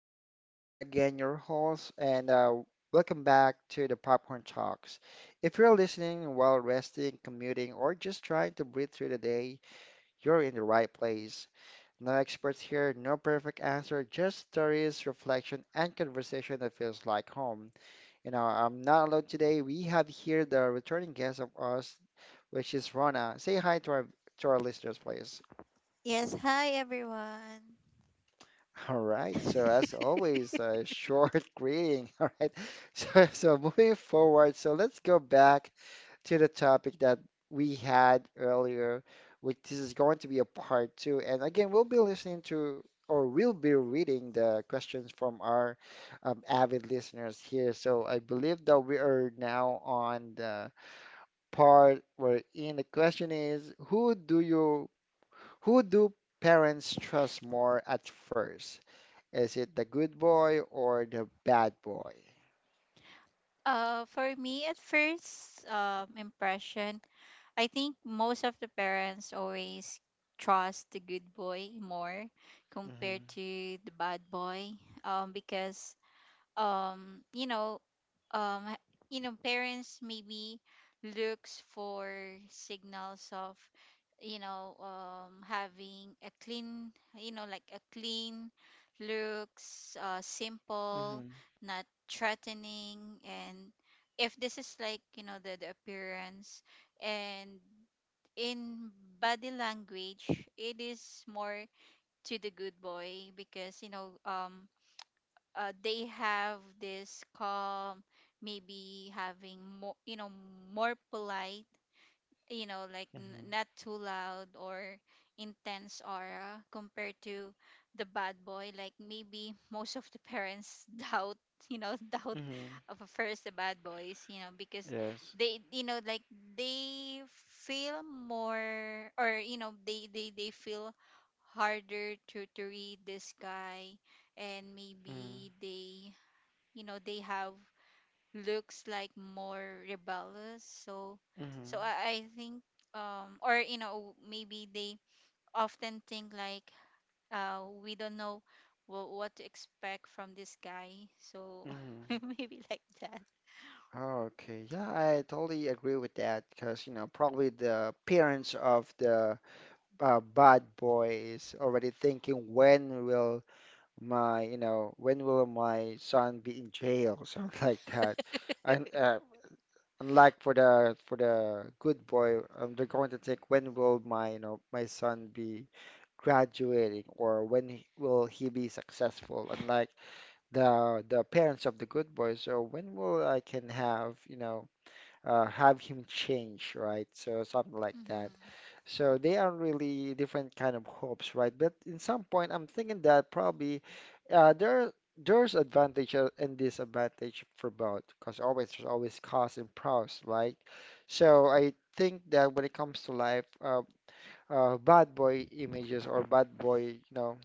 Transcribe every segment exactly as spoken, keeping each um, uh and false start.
this is John again, your host, and uh, welcome back to the Popcorn Talks. If you're listening while resting, commuting, or just trying to breathe through the day, you're in the right place. No experts here, no perfect answer, just stories, reflection, and conversation that feels like home. You know, I'm not alone today. We have here the returning guest of us, which is Rona. Say hi to our to our listeners, please. Yes, hi everyone. All right. So as always, a short greeting. All right. So so moving forward, so let's go back to the topic that we had earlier, which this is going to be a part two. And again, we'll be listening to or we'll be reading the questions from our um, avid listeners here. So I believe that we are now on the part where in the question is, who do you who do parents trust more at first? Is it the good boy or the bad boy? Uh, for me, at first um, impression, I think most of the parents always trust the good boy more Mm-hmm. compared to the bad boy, um, because um you know um h- you know, parents maybe looks for signals of, you know, um having a clean, you know, like a clean looks, uh, simple, Mm-hmm. not threatening. And if this is, like, you know, the, the appearance and in body language, it is more to the good boy because, you know, um uh, they have this calm, maybe having more, you know, more polite, you know, like n- Mm-hmm. not too loud or intense aura compared to the bad boy. Like maybe most of the parents doubt, you know, doubt Mm-hmm. of first the bad boys, you know, because Yes. they, you know, like they feel more, or you know they they, they feel harder to to read this guy. And Mm-hmm. maybe they, you know, they have looks like more rebellious. So Mm-hmm. so i, I think, um or you know, maybe they often think like, uh, we don't know what, what to expect from this guy, so Mm-hmm. maybe like that. Oh, okay, yeah, I totally agree with that because, you know, probably the parents of the uh, bad boy is already thinking when will my, you know, when will my son be in jail, something like that. And uh, Unlike for the for the good boy, um, they're going to take when will my, you know, my son be graduating or when he- will he be successful? Unlike the the parents of the good boy, so when will I can have, you know, uh, have him change, right? So something like that. Hmm. So they are really different kind of hopes, right? But in some point, I'm thinking that probably uh, there there's advantage uh, and disadvantage for both, because always there's always costs and pros, right? So I think that when it comes to life, uh, uh, bad boy images or bad boy, you know,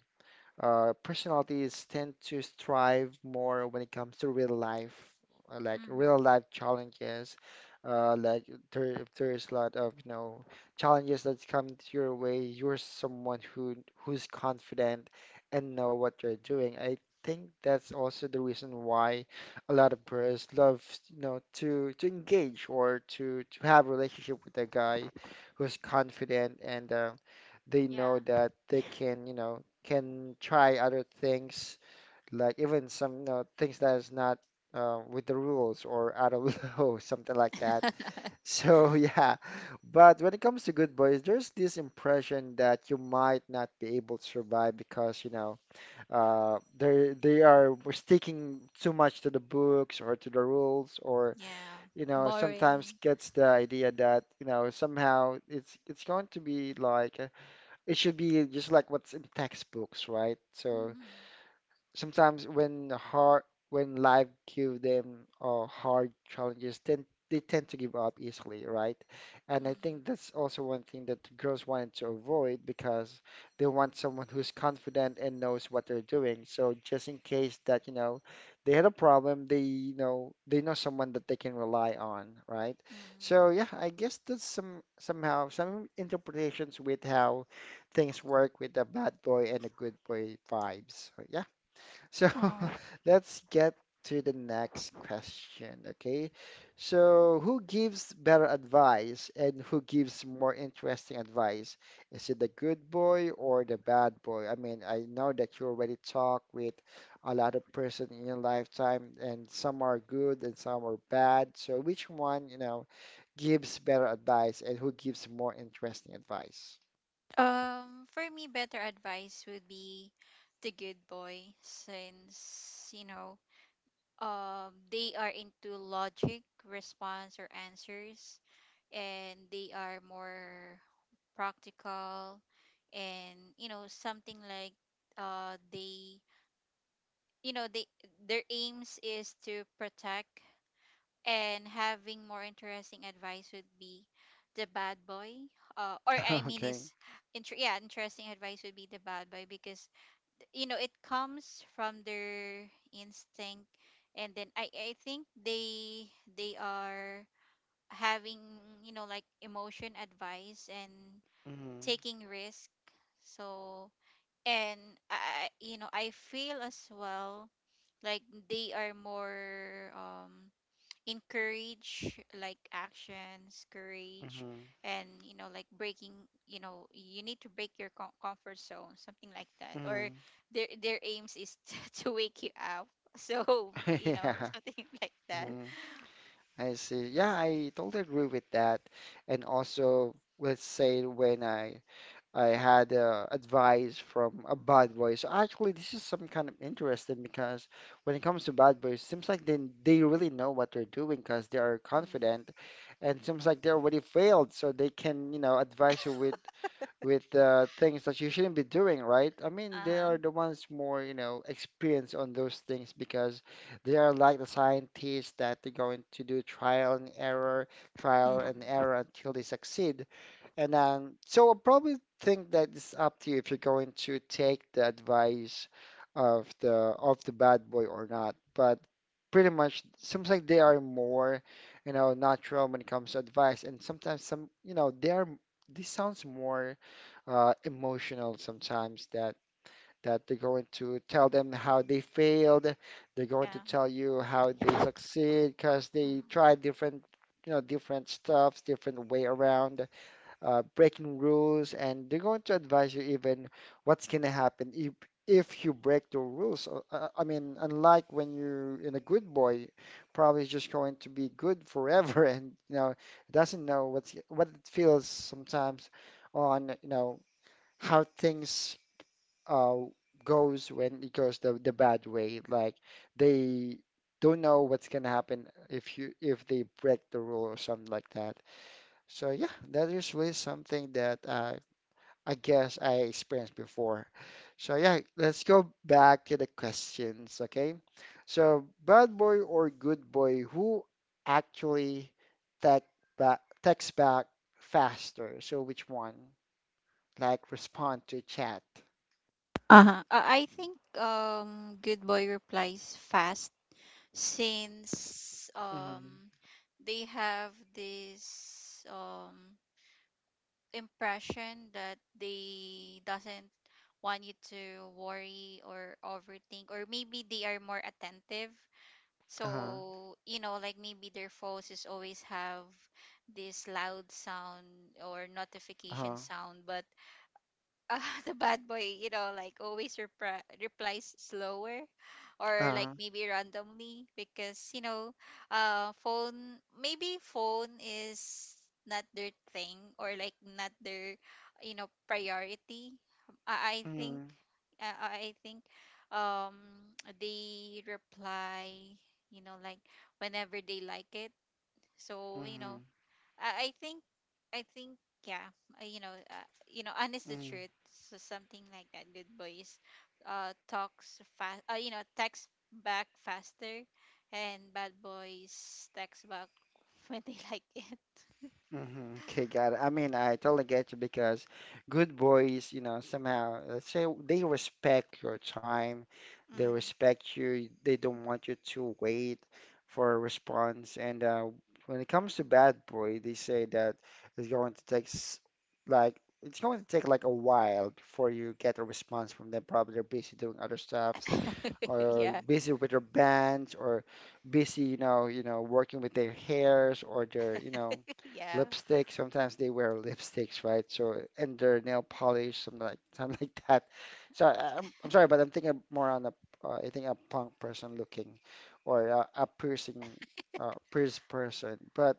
uh, personalities tend to strive more when it comes to real life, uh, like real Hmm. life challenges. Uh, like there, if there's a lot of, you know, challenges that come your way, you're someone who who's confident and know what you're doing. I think that's also the reason why a lot of girls love, you know, to to engage or to to have a relationship with a guy who's confident, and uh, they know Yeah. that they can, you know, can try other things, like even some, you know, things that is not uh, with the rules or out of law, something like that. So yeah, but when it comes to good boys, there's this impression that you might not be able to survive because, you know, uh, they they are sticking too much to the books or to the rules, or Yeah. you know, sometimes Boring. gets the idea that you know somehow it's it's going to be like it should be just like what's in textbooks, right? So Hmm. sometimes when hard when life give them uh, hard challenges, then they tend to give up easily, right? And I Hmm. think that's also one thing that the girls wanted to avoid because they want someone who's confident and knows what they're doing, so just in case that you know they had a problem, they, you know, they know someone that they can rely on, right? Hmm. So yeah, I guess that's some, somehow some interpretations with how things work with the bad boy and the good boy vibes. So yeah, so Mhm. let's get to the next question, okay? So, who gives better advice and who gives more interesting advice? Is it the good boy or the bad boy? I mean, I know that you already talk with a lot of person in your lifetime, and some are good and some are bad. So, which one, you know, gives better advice and who gives more interesting advice? Um, for me, better advice would be the good boy, since you know, um, they are into logic, response, or answers, and they are more practical. And you know, something like, uh, they, you know, they, their aims is to protect. And having more interesting advice would be the bad boy, uh, or I mean, Okay. is inter- yeah, interesting advice would be the bad boy because, you know, it comes from their instinct. And then i i think they they are having, you know, like emotion advice and Mm-hmm. taking risk. So, and i I- you know, I feel as well, like they are more, um, encourage, like actions courage, and you know, like breaking, you know, you need to break your com- comfort zone, something like that. Or Mm-hmm. their their aims is to to wake you up so you know Mm-hmm. something like that. Yeah. I see. Yeah, I totally agree with that. And also, let's say when I I had uh, advice from a bad boy. So actually, this is some kind of interesting because when it comes to bad boys, seems like they they really know what they're doing because they are Mm. confident, and seems like they already failed, so they can, you know, advise you with with uh, things that you shouldn't be doing, right? I mean, they are Uh-huh. the ones more, you know, experienced on those things because they are like the scientists that they're going to do trial and error, trial and Mhm. error until they succeed. And then, so I probably think that it's up to you if you're going to take the advice of the of the bad boy or not. But pretty much, seems like they are more, you know, natural when it comes to advice, and sometimes some, you know, they are. This sounds more uh, emotional sometimes, that that they're going to tell them how they failed, they're going to Yeah. tell you how they succeed because they Mhm. tried different, you know, different stuffs, different way around, uh, breaking rules, and they're going to advise you even what's gonna happen if if you break the rules. Uh, uh, I mean, unlike when you're in a good boy, probably is just going to be good forever, and you know doesn't know what's what it feels sometimes on, you know, how things uh goes when it goes the the bad way. Like they don't know what's gonna happen if you, if they break the rule or something like that. So yeah, that is really something that uh, I guess I experienced before. So yeah, let's go back to the questions, okay? So bad boy or good boy, who actually text back text back faster? So which one? Like respond to chat. Uh-huh. uh, I think, um, good boy replies fast since, um, Mm-hmm. they have this, um, impression that they doesn't want you to worry or overthink, or maybe they are more attentive. Uh-huh. So you know, like maybe their phones is always have this loud sound or notification Uh-huh. sound. But, uh, the bad boy, you know, like always repri- replies slower, or like Uh-huh. maybe randomly because, you know, uh, phone, maybe phone is not their thing, or like not their, you know, priority. I, I think, Mm-hmm. uh, I think um, they reply, you know, like whenever they like it. So, you know, Mm-hmm. I, I think I think yeah, uh, you know, uh, you know, honest the truth, so something like that. Good boys, uh, talks fast. Uh, you know, text back faster, and bad boys text back when they like it. Mm-hmm. Okay, got it. I mean, I totally get you because good boys, you know, somehow, let's say they respect your time, they Mm. respect you, they don't want you to wait for a response. And uh, when it comes to bad boy, they say that it's going to take s- like it's going to take like a while before you get a response from them. Probably they're busy doing other stuff or Yeah, busy with their bands or busy, you know, you know, working with their hairs or their, you know, yeah. lipstick. Sometimes they wear lipsticks, right? So and their nail polish, something like something like that. So I, I'm I'm sorry, but I'm thinking more on a uh, I think a punk person looking or a, a piercing uh, pierced person. But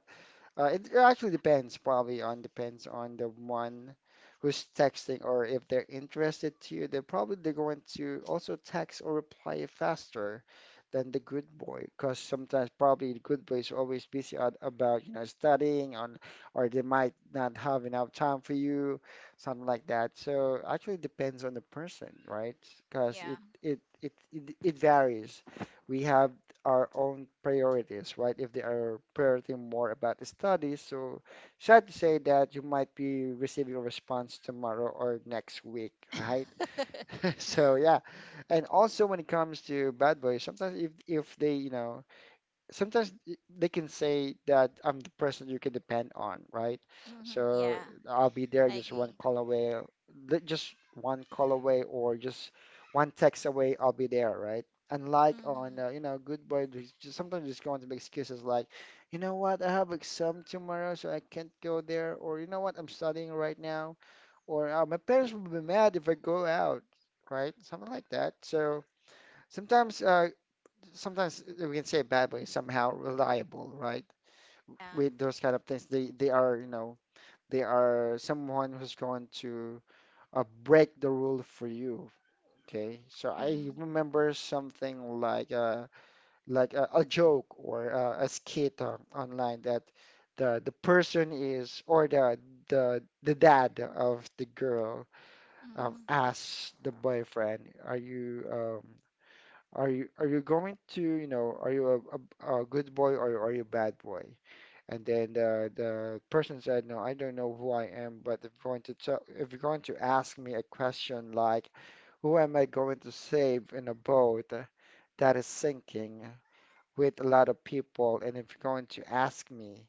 uh, it actually depends, probably on depends on the one who's texting or if they're interested to you, they're probably they're going to also text or reply faster than the good boy, because sometimes probably the good boy is always busy on, about you know studying on, or they might not have enough time for you, something like that. So actually depends on the person, right? Because Yeah. it it it it, it varies. We have our own priorities, right? If they are priority more about the study, so sad to say that you might be receiving a response tomorrow or next week, right? So yeah, and also when it comes to bad boys, sometimes if if they, you know, sometimes y- they can say that I'm the person you can depend on, right? Mm-hmm. So Yeah, I'll be there, I just one agree. call away, li- just one call away, or just one text away. I'll be there, right? Unlike on Mm-hmm. uh, you know, Good Boy, there's just sometimes just going to make excuses like, you know what, I have exam tomorrow, so I can't go there, or you know what, I'm studying right now, or uh, my parents will be mad if I go out, right? Something like that. So sometimes uh, sometimes uh, we can say a bad way somehow reliable, right? Yeah. With those kind of things, they they are, you know, they are someone who's going to uh, break the rule for you. Okay, so I Mm-hmm. remember something like uh like a, a joke or uh, a skit on, online that the the person is or the the the dad of the girl um Mm-hmm. asks the boyfriend, are you um are you are you going to, you know, are you a, a, a good boy or are you a bad boy? And then the the person said, no, I don't know who I am, but if you're going to tell, if you're going to ask me a question like, who am I going to save in a boat that is sinking with a lot of people? And if you're going to ask me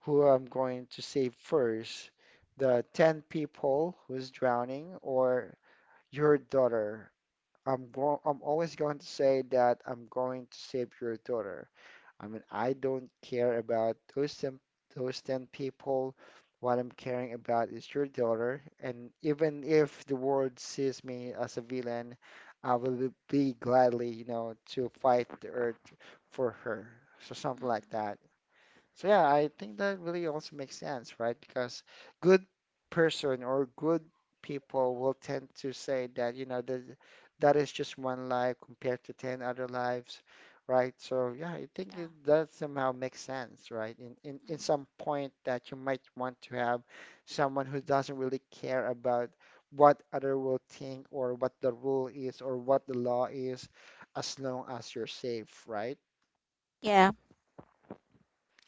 who I'm going to save first, the ten people who's drowning or your daughter? I'm go I'm always going to say that I'm going to save your daughter. I mean, I don't care about those ten, those ten people. What I'm caring about is your daughter. And even if the world sees me as a villain, I will be gladly, you know, to fight the earth for her. So something like that. So yeah, I think that really also makes sense, right? Because good person or good people will tend to say that, you know, that that is just one life compared to ten other lives, right? So yeah, I think it, Mm-hmm. that somehow makes sense, right? In, in in some point that you might want to have someone who doesn't really care about what other will think or what the rule is or what the law is, as long as you're safe, right? Yeah. Mm-hmm.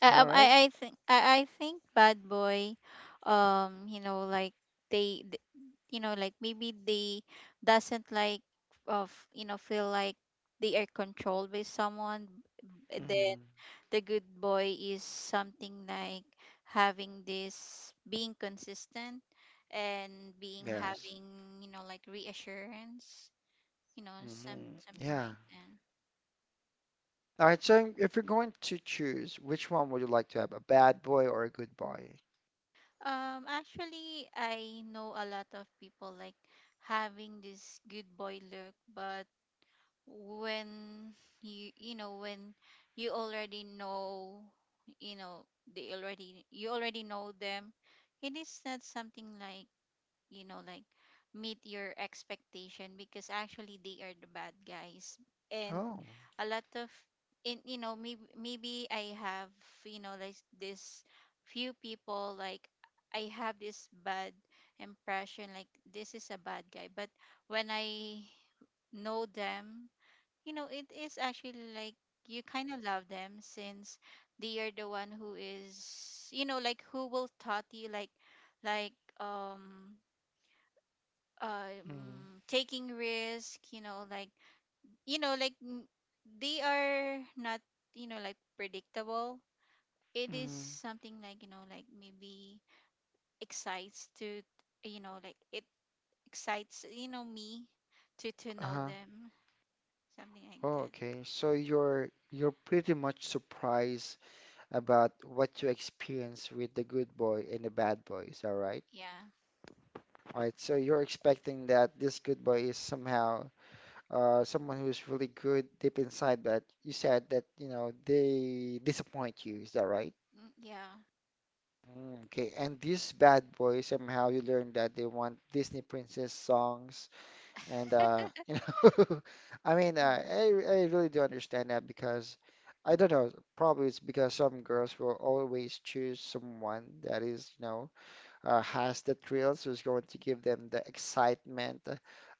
I All um, I right. I think I I think Bad Boy, um, you know, like they, th- you know, like maybe they doesn't like of, you know, feel like they are controlled by someone. b- Then Mm-hmm. the good boy is something like having this being consistent and being Yes. having, you know, like reassurance, you know, some Mhm. something Yeah. like that. All right. So if you're going to choose, which one would you like to have, a bad boy or a good boy? Um, actually, I know a lot of people like having this good boy look, but when you you know when you already know, you know they already you already know them, it is not something like, you know, like meet your expectation because actually they are the bad guys. And Oh. a lot of, in you know, maybe maybe i have, you know, like this few people like I have this bad impression, like this is a bad guy, but when I know them, you know, it is actually like you kind of love them since they are the one who is, you know, like who will taught you like like um Mm, um taking risk, you know, like, you know, like n- they are not, you know, like predictable. It is mm, something like, you know, like maybe excites to, you know, like it excites, you know, me to to know uh-huh. them, something like Oh, that. okay. So you're you're pretty much surprised about what you experience with the good boy and the bad boy. Is that right? Yeah. All right. So you're expecting that this good boy is somehow uh, someone who's really good deep inside, but you said that you know they disappoint you. Is that right? Mm, yeah. Mm, okay, and these bad boys, somehow you learn that they want Disney princess songs, and uh, you know, I mean, uh, I Mhm. I really do understand that because I don't know, probably it's because some girls will always choose someone that is, you know, uh, has the thrills, who's going to give them the excitement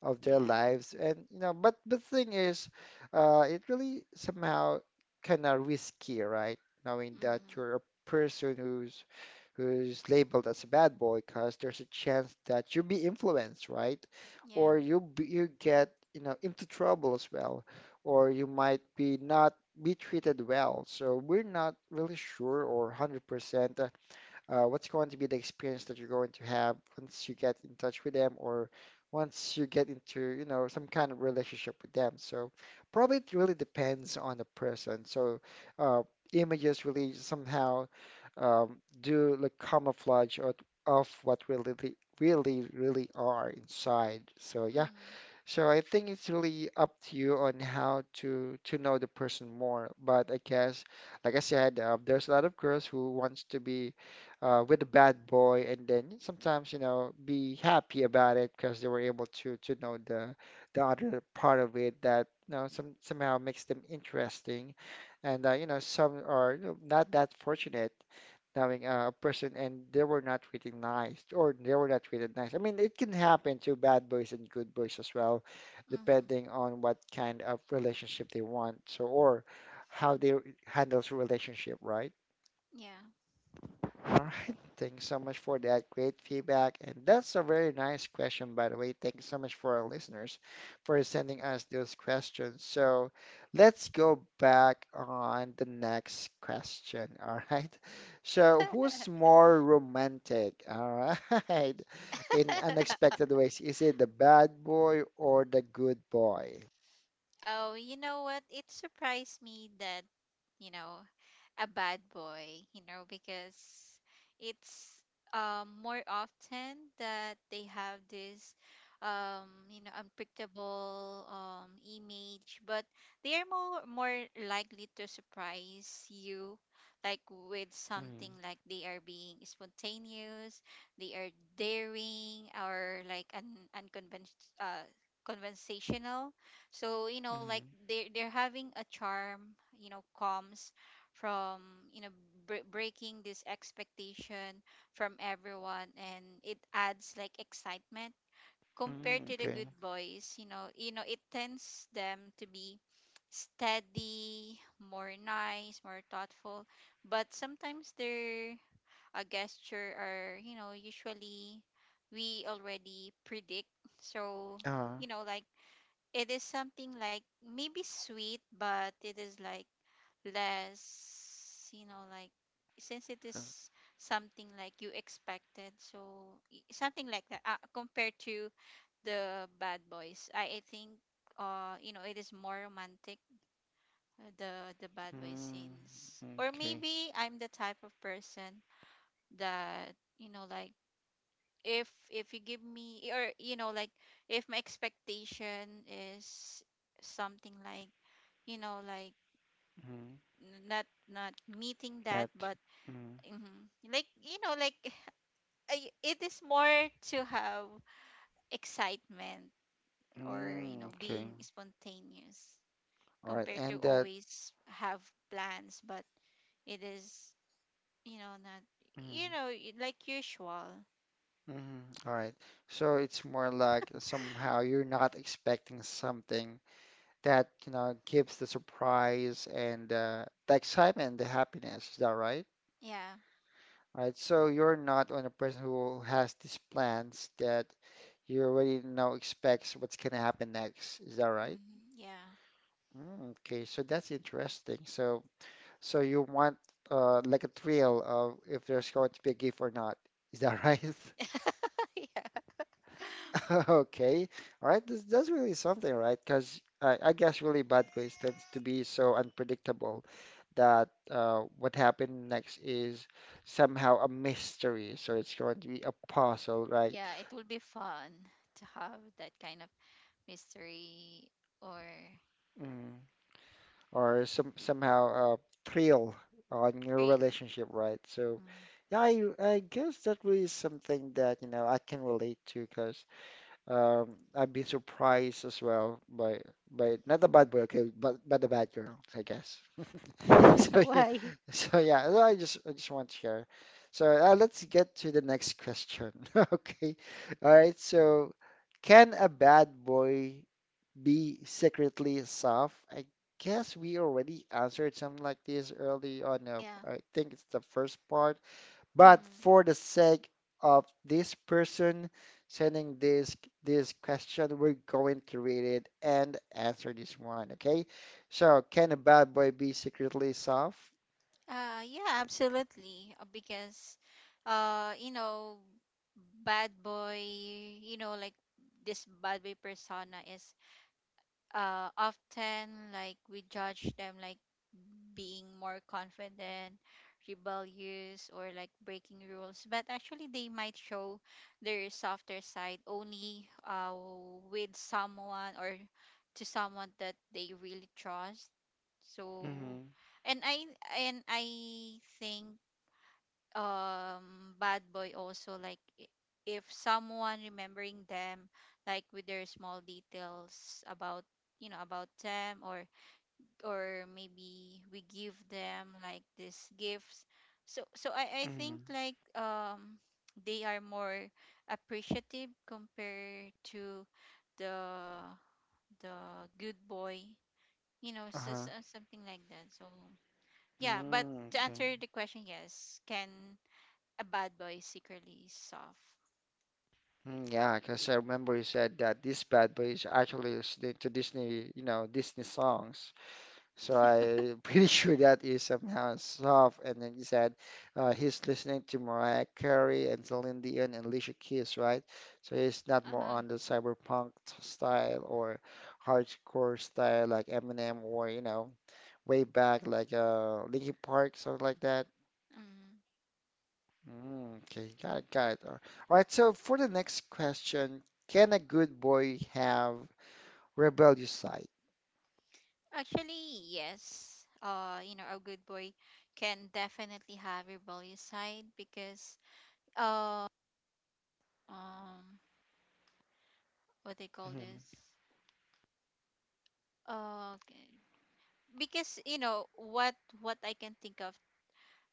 of their Yeah. lives, and you know, but the thing is, uh, it really somehow kind of risky, right? Knowing that Mm. you're a person who's who's labeled as a bad boy because there's a chance that you'll be influenced, right? Yeah. Or you be, you get you know into trouble as well, or you might be not be treated well. So we're not really sure or one hundred percent uh, what's going to be the experience that you're going to have once you get in touch with them or once you get into, you know, some kind of relationship with them. So probably it really depends on the person. So uh, images really somehow um, do the camouflage of, of what really, really, really are inside. So yeah, Mm. so I think it's really up to you on how to to know the person more. But I guess, like I said, uh, there's a lot of girls who wants to be uh, with a bad boy, and then sometimes you know be happy about it because they were able to to know the the other part of it that you know some somehow makes them interesting, and uh, you know some are you know, not that fortunate knowing uh, a person and they were not treated nice or they were not treated nice. I mean, it can happen to bad boys and good boys as well, Hmm. depending on what kind of relationship they want, so or how they handles relationship, right? Yeah. All right. Thanks so much for that great feedback. And that's a very nice question, by the way. Thanks so much for our listeners for sending us those questions. So let's go back on the next question. All right. So, who's more romantic? All right. In unexpected ways, is it the bad boy or the good boy? Oh, you know what, it surprised me that, you know, a bad boy, you know, because it's, um, more often that they have this, um, you know, unpredictable, um, image, but they are more more likely to surprise you, like with Mm, something like they are being spontaneous, they are daring, or like un unconventional. Uh, conversational. So you know, like mm, they're they're having a charm, you know, calm from, you know, bre- breaking this expectation from everyone, and it adds like excitement compared mm, to the okay. good boys. You know, you know, it tends them to be steady, more nice, more thoughtful, but sometimes their a gesture are, you know, usually we already predict. So Uh, you know like it is something like maybe sweet, but it is like less, you know, like since it uh, is something like you expected, so y- something like that, uh, compared to the Bad Boys. I, I think, uh, you know, it is more romantic, uh, the the Bad Boy mm, scenes. Or okay. maybe I'm the type of person that, you know, like if if you give me, or you know, like if my expectation is something like, you know, like Mm. n- not not meeting that, At but, mm, hmm, like, you know, like I- it is more to have excitement or, you mm, know, okay. being spontaneous All right. compared to And that always have plans, but it is, you know, not, you mm, know, y- like usual. mhm, all right. So it's more like somehow you're not expecting something that, you know, gives the surprise and uh, the excitement and the happiness. Is that right? Yeah. All right. So you're not on a person who has these plans that you already know expects what's gonna happen next. Is that right? Hmm. Yeah. Mm, okay. So that's interesting. So So you want uh, like a thrill of if there's going to be a gift or not. Is that right? Yeah. Okay. All right. This, that's really something, right? Because I, I guess really bad ways tends to be so unpredictable that uh, what happened next is somehow a mystery. So it's going to be a puzzle, right? Yeah, it will be fun to have that kind of mystery or Mm. Or some somehow a thrill on your thrill. relationship, right? So Hmm. yeah, I, I guess that really is something that, you know, I can relate to because. Um, I've been surprised as well by by not the bad boy, okay, but but the bad girl, I guess. So yeah, Why? so yeah, well, I just I just want to share. So uh, let's get to the next question. Okay, all right. So can a bad boy be secretly soft? I guess we already answered something like this early on. Uh, Yeah. I think it's the first part. But Mm. for the sake of this person sending this this question, we're going to read it and answer this one, okay? So, can a bad boy be secretly soft? Uh, yeah, absolutely. uh, Because, uh, you know, bad boy, you know, like this bad boy persona is, uh, often like we judge them like being more confident, rebellious, or like breaking rules. But actually, they might show their softer side only, uh, with someone, or to someone that they really trust. So, Mm-hmm. and I and I think, um, bad boy also like, i- if someone remembering them, like with their small details about, you know, about them, or or maybe we give them like these gifts. So so i i Mm-hmm. think like, um, they are more appreciative compared to the the good boy, you know, so, Uh-huh. so- something like that. So yeah, but Mm, to okay. answer the question, yes, can a bad boy secretly is soft. Mm, yeah, because I remember you said that this bad boy is actually listening to Disney, you know, Disney songs. So I'm pretty sure that is somehow soft. And then he said uh, he's listening to Mariah Carey and Celine Dion and Alicia Keys, right? So he's not more Uh-huh. on the cyberpunk style or hardcore style like Eminem or, you know, way back like uh, Linkin Park, something like that. Mm. Mm, okay, got it, got it. All right, so for the next question, can a good boy have rebellious side? Actually, yes. Uh, you know, a good boy can definitely have rebellious side because, uh um what they call Mhm. this? Uh, okay. Because you know what what I can think of,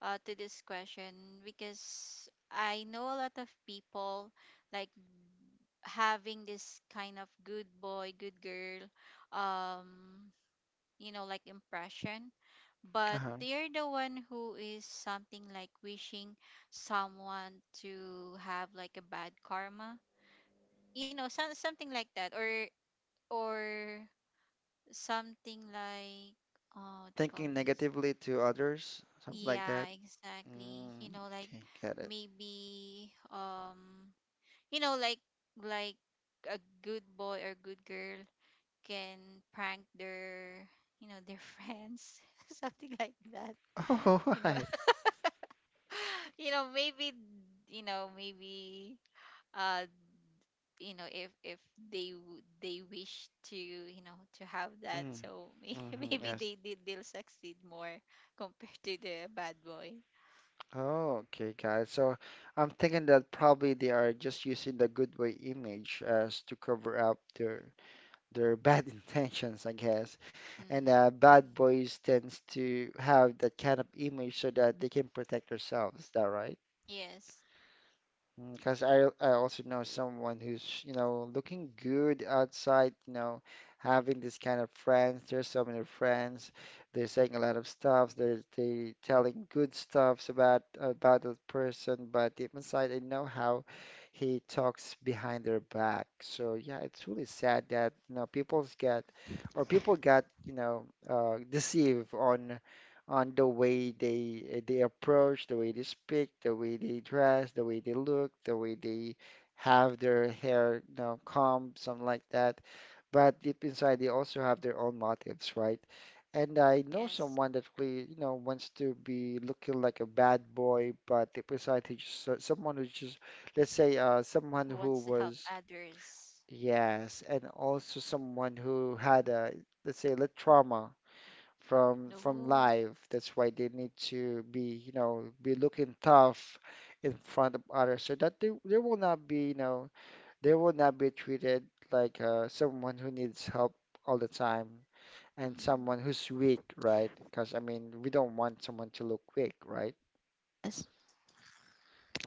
uh, to this question, because I know a lot of people like having this kind of good boy, good girl, um, you know, like impression, but Uh-huh. they're the one who is something like wishing someone to have like a bad karma, you know, some, something like that. or or something like, oh, what do you call Thinking this? negatively to others, something like that. Yeah, exactly, Mm, you know, like okay, get it. maybe, um, you know, like like a good boy or good girl can prank their, you know, their friends, something like that, Oh, you know, right. you know maybe, you know maybe, uh, you know, if if they w- they wish to, you know, to have that, Mm, so may- hmm maybe yes. they did, they'll succeed more compared to the bad boy. Oh, okay, got it. So I'm thinking that probably they are just using the good way image as to cover up their their bad intentions, I guess. And Hmm. uh, bad boys tends to have that kind of image so that they can protect themselves. Is that right? Yes. Because I I also know someone who's, you know, looking good outside, you know, having this kind of friends. There's so many friends. They're saying a lot of stuff. They're they telling good stuffs about about that person, but deep inside they know how he talks behind their back. So yeah, it's really sad that, you know, people's get or people got, you know, uh, deceived on on the way they eh, they approach, the way they speak, the way they dress, the way they look, the way they have their hair, you know, combed, something like that. But deep inside, they also have their own motives, right? And I know Yes. someone that really, you know, wants to be looking like a bad boy, but deep inside, he just so- someone who just, let's say, uh, Who someone wants who to help was, others. yes, and also someone who had a, let's say, a trauma from No. from Mm. life. That's why they need to be, you know, be looking tough in front of others so that they, they will not be, you know, they will not be treated like uh, someone who needs help all the time and someone who's weak, right? Because I mean, we don't want someone to look weak, right? Yes.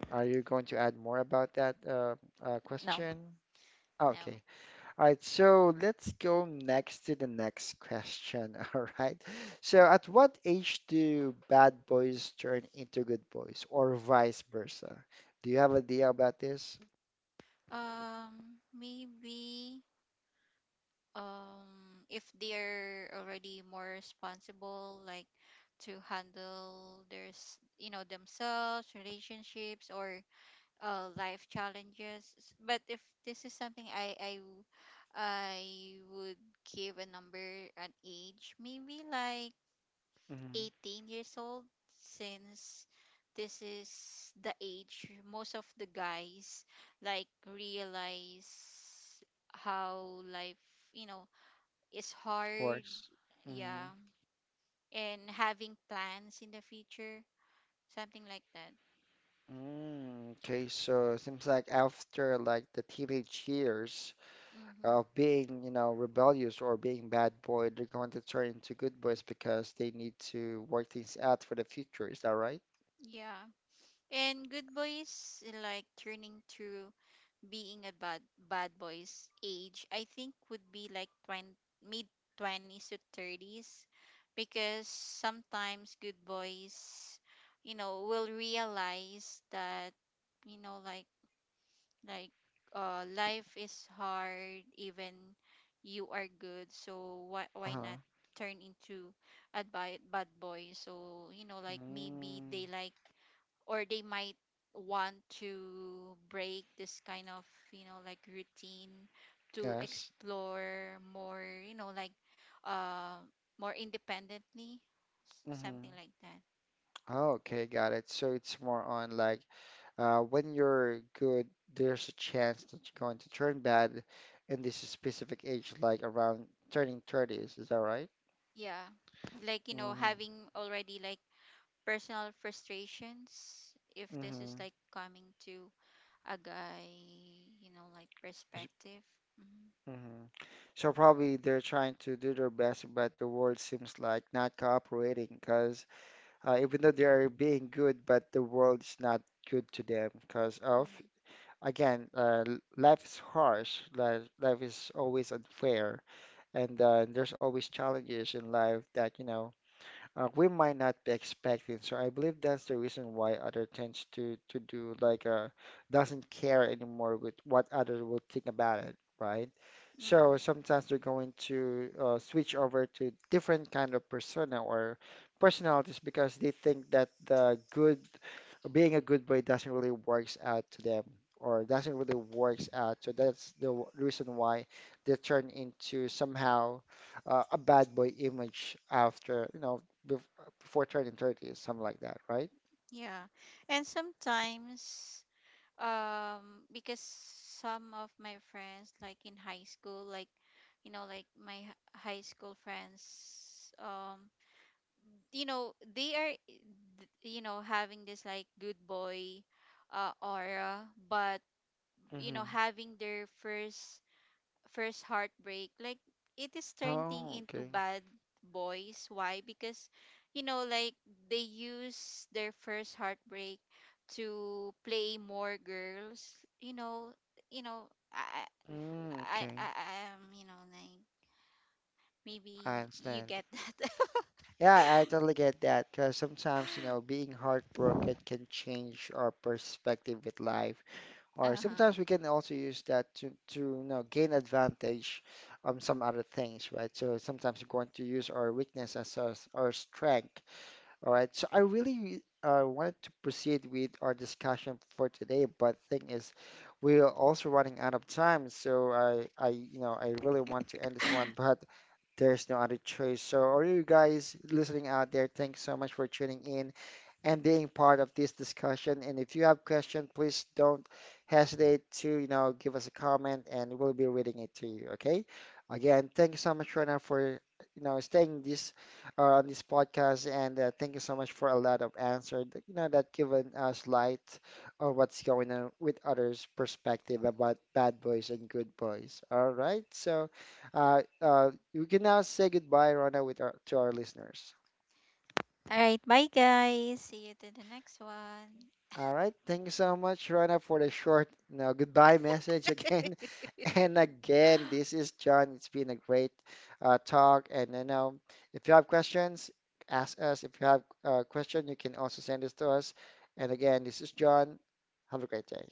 Are you going to add more about that uh, uh, No. question? Okay. No. All right, so let's go next to the next question. All right. So, at what age do bad boys turn into good boys, or vice versa? Do you have an idea about this? Um, maybe, um, if they're already more responsible like to handle their s- you know, themselves relationships or, uh, life challenges. S- but if this is something i i w- I would give a number an age maybe like Mhm. eighteen years old, since this is the age most of the guys like realize how life, you know, is Or hard. mm, Yeah. And having plans in the future, something like that. mm, okay, so it seems like after like the teenage years of Mm-hmm. being, you know, rebellious or being bad boy, they're going to turn into good boys because they need to work things out for the future. Is that right? Yeah. And good boys, like turning through being a bad bad boys age, I think would be like twenty, mid twenties to thirties, because sometimes good boys, you know, will realize that, you know, like like uh, life is hard even you are good. So why why Uh-huh. not turn into a bad, bad boy. So you know, like maybe Mm, they like, or they might want to break this kind of, you know, like routine to yes. explore more, you know, like, uh, more independently, s- Mm-hmm. something like that. Oh, okay, got it. So it's more on like uh, when you're good, there's a chance that you're going to turn bad in this specific age, like around turning thirties. Is that right? Yeah, like you know, Mm-hmm. having already like personal frustrations if this Mm-hmm. is like coming to a guy, you know, like perspective. Hmm. Mm-hmm. So probably they're trying to do their best, but the world seems like not cooperating because uh, even though they are being good, but the world is not good to them because of, Mm. again, uh, l- life is harsh, li- life is always unfair. And uh, and there's always challenges in life that you know uh, we might not be expecting. So I believe that's the reason why other tends to to do like uh doesn't care anymore with what others will think about it, right? So Mm. sometimes they're going to uh, switch over to different kind of persona or personalities because they think that the good being a good boy doesn't really works out to them or doesn't really works out. So that's the w- reason why they turn into somehow uh, a bad boy image after you know Bef before turning thirty, something like that, right? Yeah. And sometimes, um, because some of my friends like in high school, like, you know, like my h- high school friends, um, you know, they are, th- you know, having this like good boy, uh, aura, but you know, Mm-hmm. having their first first heartbreak, like it is turning Oh, into okay. bad boys. Why? Because you know, like they use their first heartbreak to play more girls, you know, you know, i Mm, i okay. i I am, you know, like I maybe you understand. get that. Yeah, I totally get that because sometimes, you know, being heartbroken can change our perspective with life, or Uh-huh. sometimes we can also use that to, to you know, gain advantage on some other things, right? So sometimes we're going to use our weakness as our, our strength. All right, so I really uh, wanted to proceed with our discussion for today, but thing is, we are also running out of time. So I, I, you know, I really want to end this one, but there's no other choice. So, all you guys listening out there, thanks so much for tuning in and being part of this discussion. And if you have questions, please don't hesitate to, you know, give us a comment and we'll be reading it to you. Okay. Again, thank you so much, Rena, for, you know, staying this uh, on this podcast. And uh, thank you so much for a lot of answer, that, you know, that given us light on what's going on with others' perspective about bad boys and good boys. All right. So, uh, uh, you can now say goodbye, Rona, with our, to our listeners. All right, bye guys, see you to the next one. All right. Thank you so much, Rana, for the short, you goodbye message again. And again, this is John. It's been a great uh, talk. And you know, if you have questions, ask us. If you have a question, you can also send this to us. And again, this is John. Have a great day.